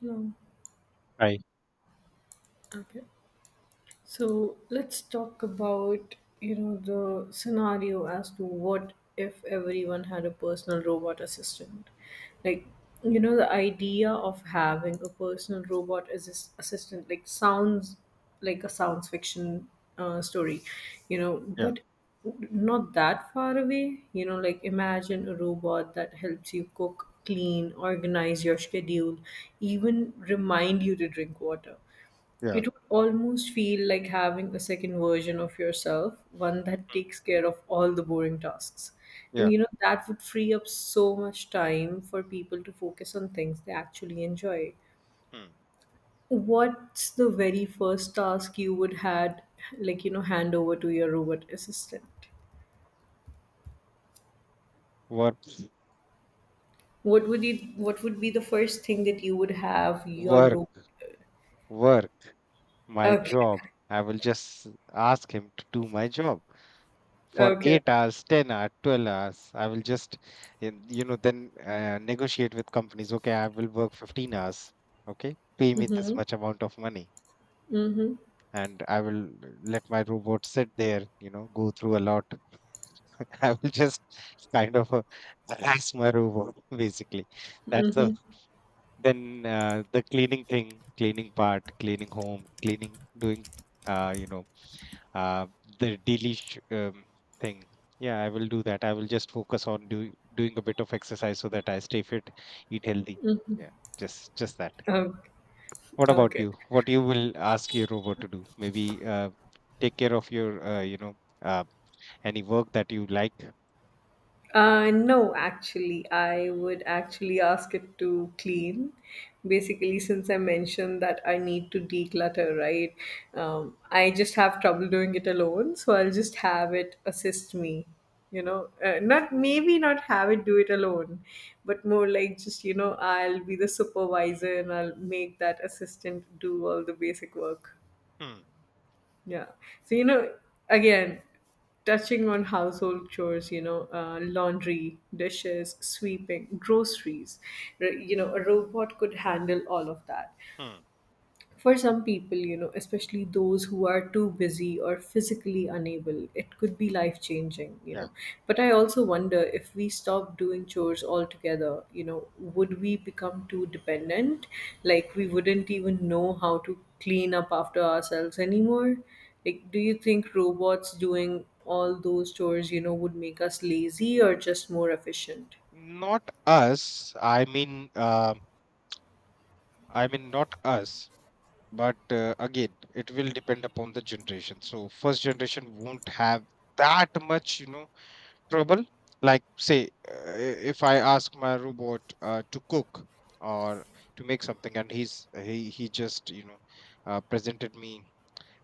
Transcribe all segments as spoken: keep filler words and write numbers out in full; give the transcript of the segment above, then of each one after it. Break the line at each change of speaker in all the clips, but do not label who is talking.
No.
Right.
Okay. So let's talk about, you know, the scenario as to what if everyone had a personal robot assistant. Like, you know, the idea of having a personal robot assist- assistant like sounds like a science fiction uh, story, you know,
Yeah.
but not that far away. You know, like imagine a robot that helps you cook, clean, organize your schedule, even remind you to drink water.
Yeah.
It would almost feel like having a second version of yourself, one that
Mm,
takes care of all the boring tasks. And
yeah.
you know, that would free up so much time for people to focus on things they actually enjoy.
Mm.
What's the very first task you would had like you know hand over to your robot assistant?
Work.
What would you what would be the first thing that you would have your
Work.
robot?
Work. My job.
Okay.
I will just ask him to do my job for
Okay.
eight hours, ten hours, twelve hours. I will just, in- you know, then uh, negotiate with companies. Okay, I will work fifteen hours. Okay, pay me this
Mm-hmm.
much amount of money,
Mm-hmm.
and I will let my robot sit there. You know, go through a lot. I will just kind of uh, harass my robot. Basically, that's the. Then, uh, the cleaning thing, cleaning part, cleaning home, cleaning, doing, uh, you know, uh, the daily sh- um, thing. Yeah, I will do that. I will just focus on do, doing a bit of exercise so that I stay fit, eat healthy. Yeah, just just that.
Okay.
What about
Okay.
you? What you will ask your robot to do? Maybe uh, take care of your, uh, you know, uh, any work that you like.
Uh, no, actually, I would actually ask it to clean. Basically, since I mentioned that I need to declutter, right? Um, I just have trouble doing it alone, so I'll just have it assist me. You know, uh, not maybe not have it do it alone, but more like just you know, I'll be the supervisor and I'll make that assistant do all the basic work.
Hmm.
Yeah. So, you know, again, touching on household chores, you know, uh, laundry, dishes, sweeping, groceries, r- you know, a robot could handle all of that.
Hmm.
For some people, you know, especially those who are too busy or physically unable, it could be life changing, you
Yeah.
know. But I also wonder if we stop doing chores altogether, you know, would we become too dependent? Like, we wouldn't even know how to clean up after ourselves anymore? Like, do you think robots doing all those chores, you know, would make us lazy or just more efficient?
Not us. I mean, uh, I mean, not us. But uh, again, it will depend upon the generation. So first generation won't have that much, you know, trouble. Like say, uh, if I ask my robot uh, to cook or to make something, and he's he he just you know uh, presented me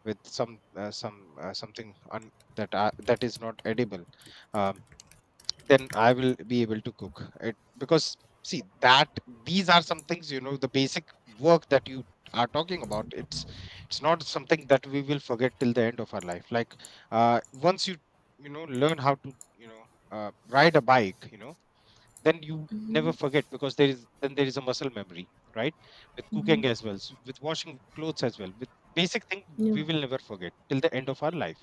with some uh, some uh, something un- that I, that is not edible. uh, then I will be able to cook it because see that these are some things you know the basic work that you are talking about, it's it's not something that we will forget till the end of our life. Like uh once you you know learn how to you know uh, ride a bike, you know, then you never forget because there is then there is a muscle memory, right? With cooking as well, s- with washing clothes as well, with basic thing we
Yeah,
will never forget till the end of our life.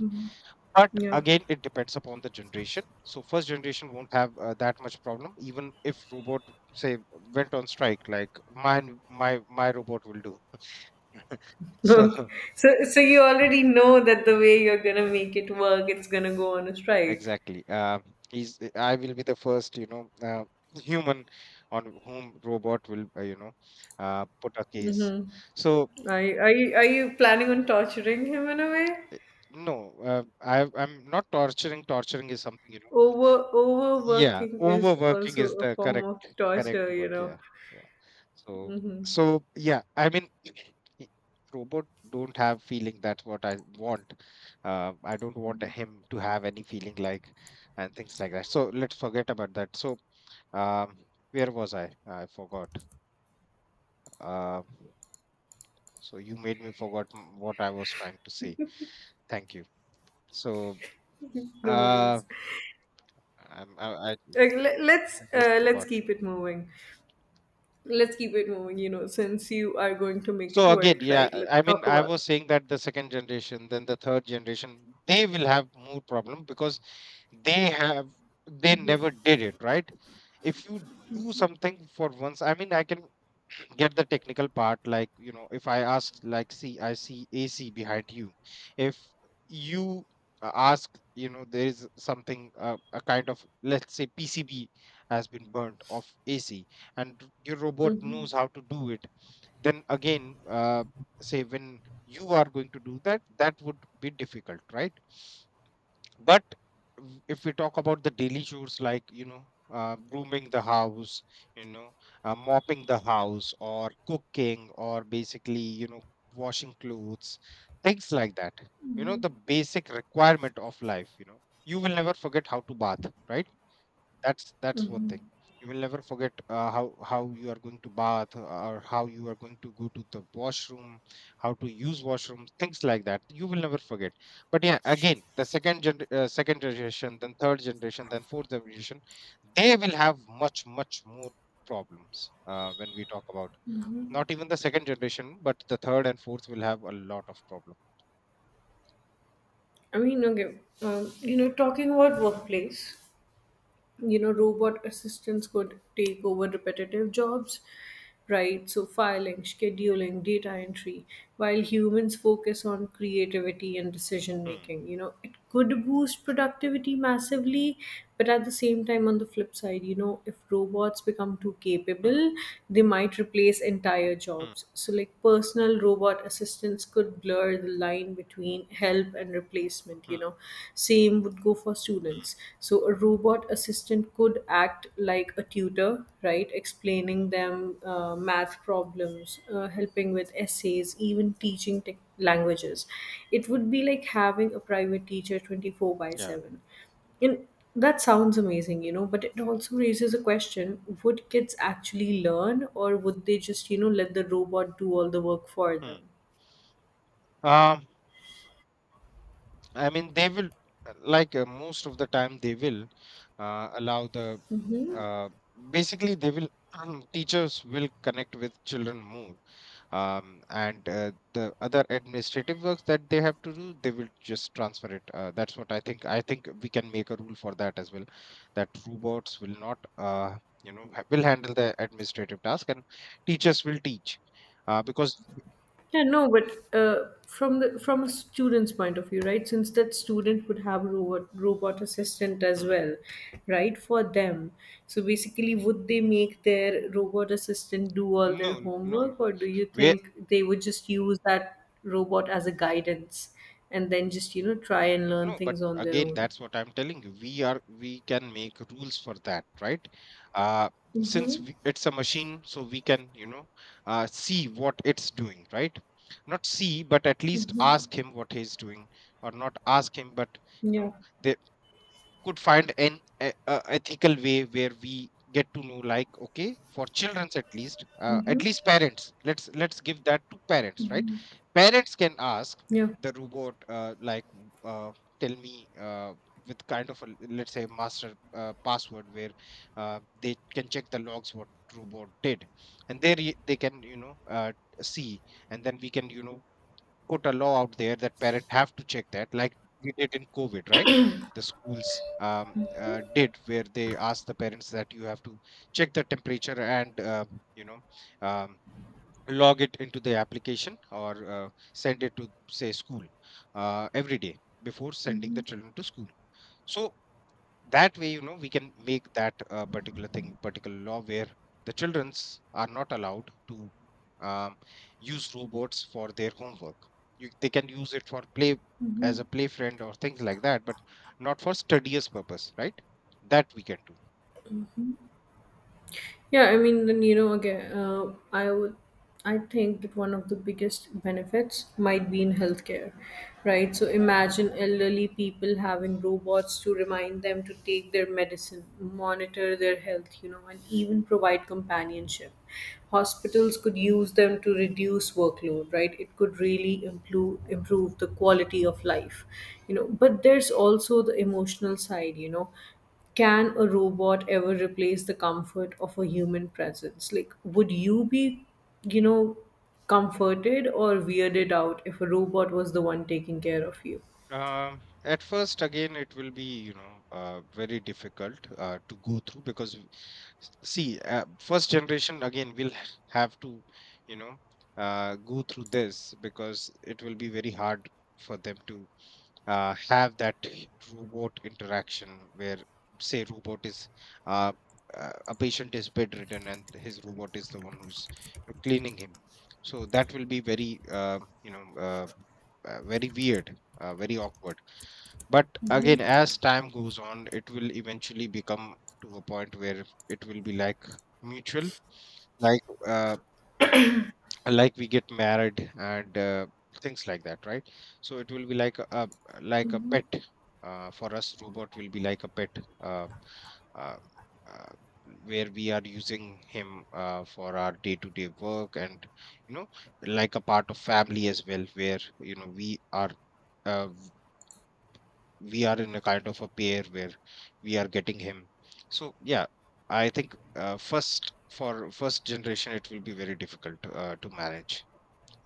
But
yeah.
again it depends upon the generation, so first generation won't have uh, that much problem even if robot say went on strike. Like mine, my my robot will do so.
Okay. So, so you already know that the way you're gonna make it work, it's gonna go on a strike.
Exactly, uh, he's, I will be the first, you know, uh, human on whom robot will uh, you know uh, put a case.
Mm-hmm.
So
Are you, are you are you planning on torturing him in a way?
Eh, no, uh, I, I'm not torturing. Torturing is something, you know.
Over
Yeah,
overworking is
overworking is
also a
the
form of
correct correct
torture, you
work. Yeah,
know.
yeah. So
Mm-hmm.
so yeah, I mean, i- robot don't have feeling. That's what I want. Uh, I don't want him to have any feeling like and things like that. So let's forget about that. So um, where was I? I forgot. Uh, so you made me forgot m- what I was trying to say. Thank you. So
No
uh,
worries.
I'm, I, I
Like, le- let's
I just
uh, let's
forgot.
keep it moving. Let's keep it moving. You know, since you are going to make it
So again,
work,
yeah,
right? Let's
I mean,
talk
I
about.
was saying that the second generation, then the third generation, they will have more problem because they have they never did it, right? If you do something for once, I mean, I can get the technical part, like you know, if I ask, like, see, I see A C behind you. If you uh, ask, you know, there is something, uh, a kind of, let's say, P C B has been burnt off A C, and your robot
Hmm.
knows how to do it, then again, uh, say, when you are going to do that, that would be difficult, right? But w- if we talk about the daily chores, like you know, uh, grooming the house, you know, uh, mopping the house or cooking or basically you know washing clothes, things like that, you know, the basic requirement of life, you know, you will never forget how to bath, right? That's that's one thing. You will never forget uh, how how you are going to bath or how you are going to go to the washroom, how to use washrooms, things like that. You will never forget. But yeah, again, the second gen uh, second generation, then third generation, then fourth generation, they will have much much more problems uh, when we talk about, not even the second generation, but the third and fourth will have a lot of problems.
I mean, okay. Um, you know, talking about workplace. you know robot assistants could take over repetitive jobs, right? So filing, scheduling, data entry, while humans focus on creativity and decision
Hmm.
making you know it could boost productivity massively, but at the same time, on the flip side you know if robots become too
Hmm.
capable, they might replace entire
Hmm.
jobs. So like personal robot assistants could blur the line between help and replacement
Hmm.
you know Same would go for students.
Hmm.
So a robot assistant could act like a tutor, right? Explaining them uh, math problems, uh, helping with essays, even teaching tech languages. It would be like having a private teacher twenty four by
Yeah.
seven, and that sounds amazing, you know, but it also raises a question. Would kids actually learn, or would they just, you know, let the robot do all the work for them?
Hmm. um, I mean, they will, uh, like uh, most of the time, they will uh, allow the, uh, basically, they will, teachers will connect with children more. Um, and uh, the other administrative works that they have to do, they will just transfer it. Uh, that's what I think. I think we can make a rule for that as well, that robots will not, uh, you know, ha- will handle the administrative task and teachers will teach. Uh, because,
Yeah, no, but uh, from the from a student's point of view, right? Since that student would have a robot, robot assistant as
Hmm.
well, right? For them, so basically, would they make their robot assistant do all their
No, no,
homework,
no.
or do you think they would just use that robot as a guidance and then just you know try and learn
No, but
things on their
again,
own?
that's what I'm telling you. We are we can make rules for that, right? Uh, since
Mm-hmm.
we, it's a machine, so we can, you know, uh, see what it's doing, right? Not see, but at least ask him what he's doing, or not ask him, but you
Yeah,
know, there could find an e- a ethical way where we get to know like, okay, for children's at least, uh, at least parents, let's let's give that to parents, right? Parents can ask
yeah,
the robot, uh, like uh, tell me, uh, with kind of a l- let's say master uh, password where uh, they can check the logs what robot did, and they re- they can, you know, uh, see, and then we can, you know, put a law out there that parents have to check that, like we did in COVID, right? The schools um, uh, did, where they asked the parents that you have to check the temperature and, uh, you know, um, log it into the application or uh, send it to say school uh, every day before sending the children to school. So that way, you know, we can make that uh, particular thing particular law where the childrens are not allowed to um, use robots for their homework. You, they can use it for play, as a play friend or things like that, but not for studious purpose, right? That we can do.
yeah. I mean, then you know, again, uh, I would, I think that one of the biggest benefits might be in healthcare, right? So imagine elderly people having robots to remind them to take their medicine, monitor their health, you know, and even provide companionship. Hospitals could use them to reduce workload, right? It could really improve improve the quality of life, you know. But there's also the emotional side, you know Can a robot ever replace the comfort of a human presence? Like, would you be, you know, comforted or weirded out if a robot was the one taking care of you?
Um, at first, again, it will be, you know, uh, very difficult uh, to go through, because, we- see, uh, first generation again will h- have to, you know, uh, go through this, because it will be very hard for them to uh, have that robot interaction, where say robot is, uh, uh, a patient is bedridden, and his robot is the one who's cleaning him. So that will be very, uh, you know uh, uh, very weird, uh, very awkward. But again, as time goes on, it will eventually become to a point where it will be like mutual, like, uh, like we get married and uh, things like that, right? So it will be like a a- like a pet, uh, for us robot will be like a pet, uh, uh, uh, where we are using him uh, for our day to day work, and, you know, like a part of family as well, where, you know, we are, uh, w- we are in a kind of a pair where we are getting him. So yeah, I think uh, first for first generation it will be very difficult uh, to manage,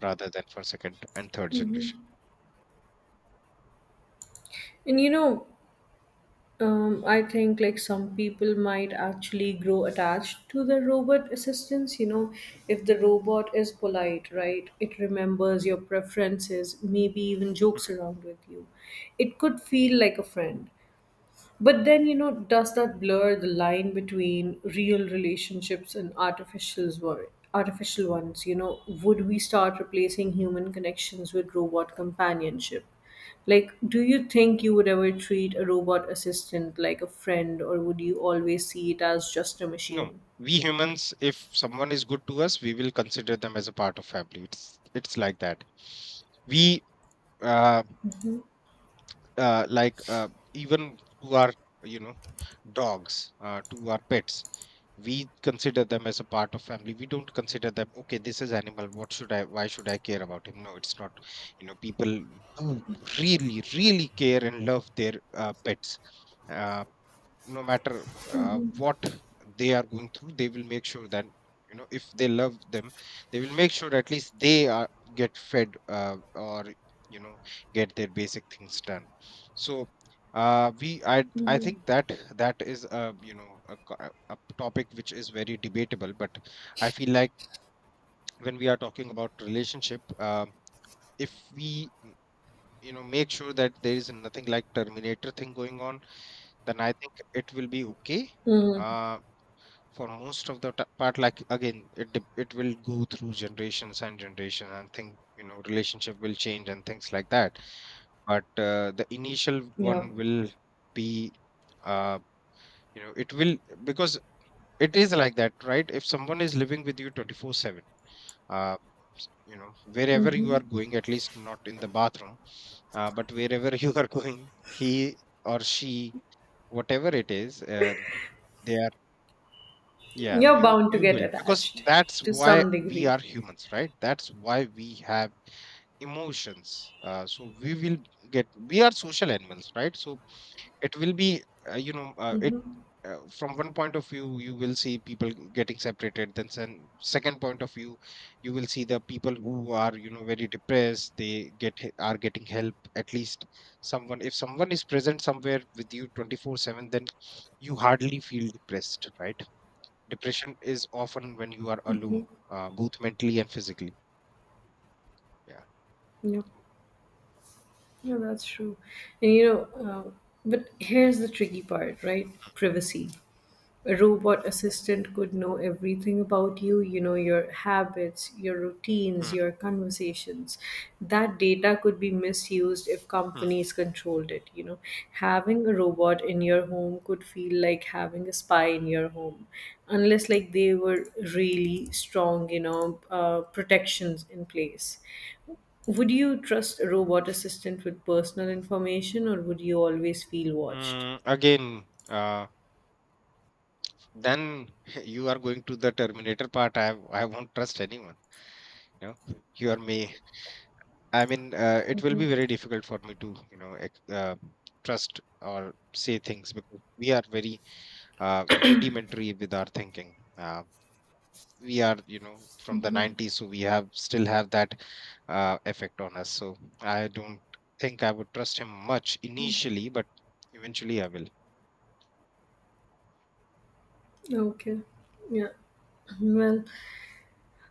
rather than for second and third generation.
And you know, um, I think like some people might actually grow attached to the robot assistance. You know, if the robot is polite, right, it remembers your preferences, maybe even jokes
Mhm.
around with you. It could feel like a friend. But then, you know, does that blur the line between real relationships and artificials were artificial ones? You know, would we start replacing human connections with robot companionship? Like, do you think you would ever treat a robot assistant like a friend, or would you always see it as just a
No,
machine?
we humans, if someone is good to us, we will consider them as a part of family. It's it's like that. We uh, uh like uh, even to our, you know, dogs, uh, to our pets, we consider them as a part of family. We don't consider them. Okay, this is animal. What should I? Why should I care about him? No, it's not. You know, people do really really care and love their uh, pets. Uh, no matter uh, what they are going through, they will make sure that, you know, if they love them, they will make sure at least they are get fed, uh, or, you know, get their basic things done. So uh, we, i i think that that is a, you know, a, co- a a topic which is very debatable, but I feel like when we are talking about relationship, um, if we mm, you know, make sure that there is nothing like terminator thing going on, then I think it will be okay.
Mm,
Uh, for most of the ta- part, like again, it dep- it will go through generations and generation and thing, you know, relationship will change and things like that. But uh, the initial one
yeah.
will be uh, you know, it will, because it is like that, right? If someone is living with you twenty four seven, uh, s- you know, wherever you are going, at least not in the bathroom, uh, but wherever you are going, he or she, whatever it is, um, they, yeah,
You're
you
bound to
you
get
will, because
attached
that's
to
why
some
we
degree.
are humans, right? That's why we have emotions. Uh, so we will get we are social animals, right? So it will be, uh, you know uh, it, uh, from one point of view you will see people getting separated. Then sen- second point of view, you will see the people who are, you know, very depressed. They get he- are getting help, at least someone. If someone is present somewhere with you twenty four seven, then you hardly feel depressed, right? Depression is often when you are alone, uh, both mentally and physically. Yeah.
Yeah, yeah, that's true. And you know, uh, but here's the tricky part, right? Privacy. A robot assistant could know everything about you, you know, your habits, your routines,
Hmm.
your conversations. That data could be misused if
Hmm.
companies controlled it, you know. Having a robot in your home could feel like having a spy in your home, unless like they were really strong, you know, uh, protections in place. Would you trust a robot assistant with personal information, or would you always feel watched?
Mm, again, uh, then you are going to the Terminator part. I I won't trust anyone. You know, you are me. I mean, uh, it will be very difficult for me to, you know, ex- uh, trust or say things, because we are very uh, rudimentary with our thinking. Uh, we are, you know, from the nineties, so we have still have that uh, effect on us. So I don't think I would trust him much initially, but eventually I will.
Okay. Yeah. Well,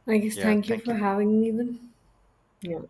I guess
Yeah,
thank you
thank
for
you.
having me then. Yeah.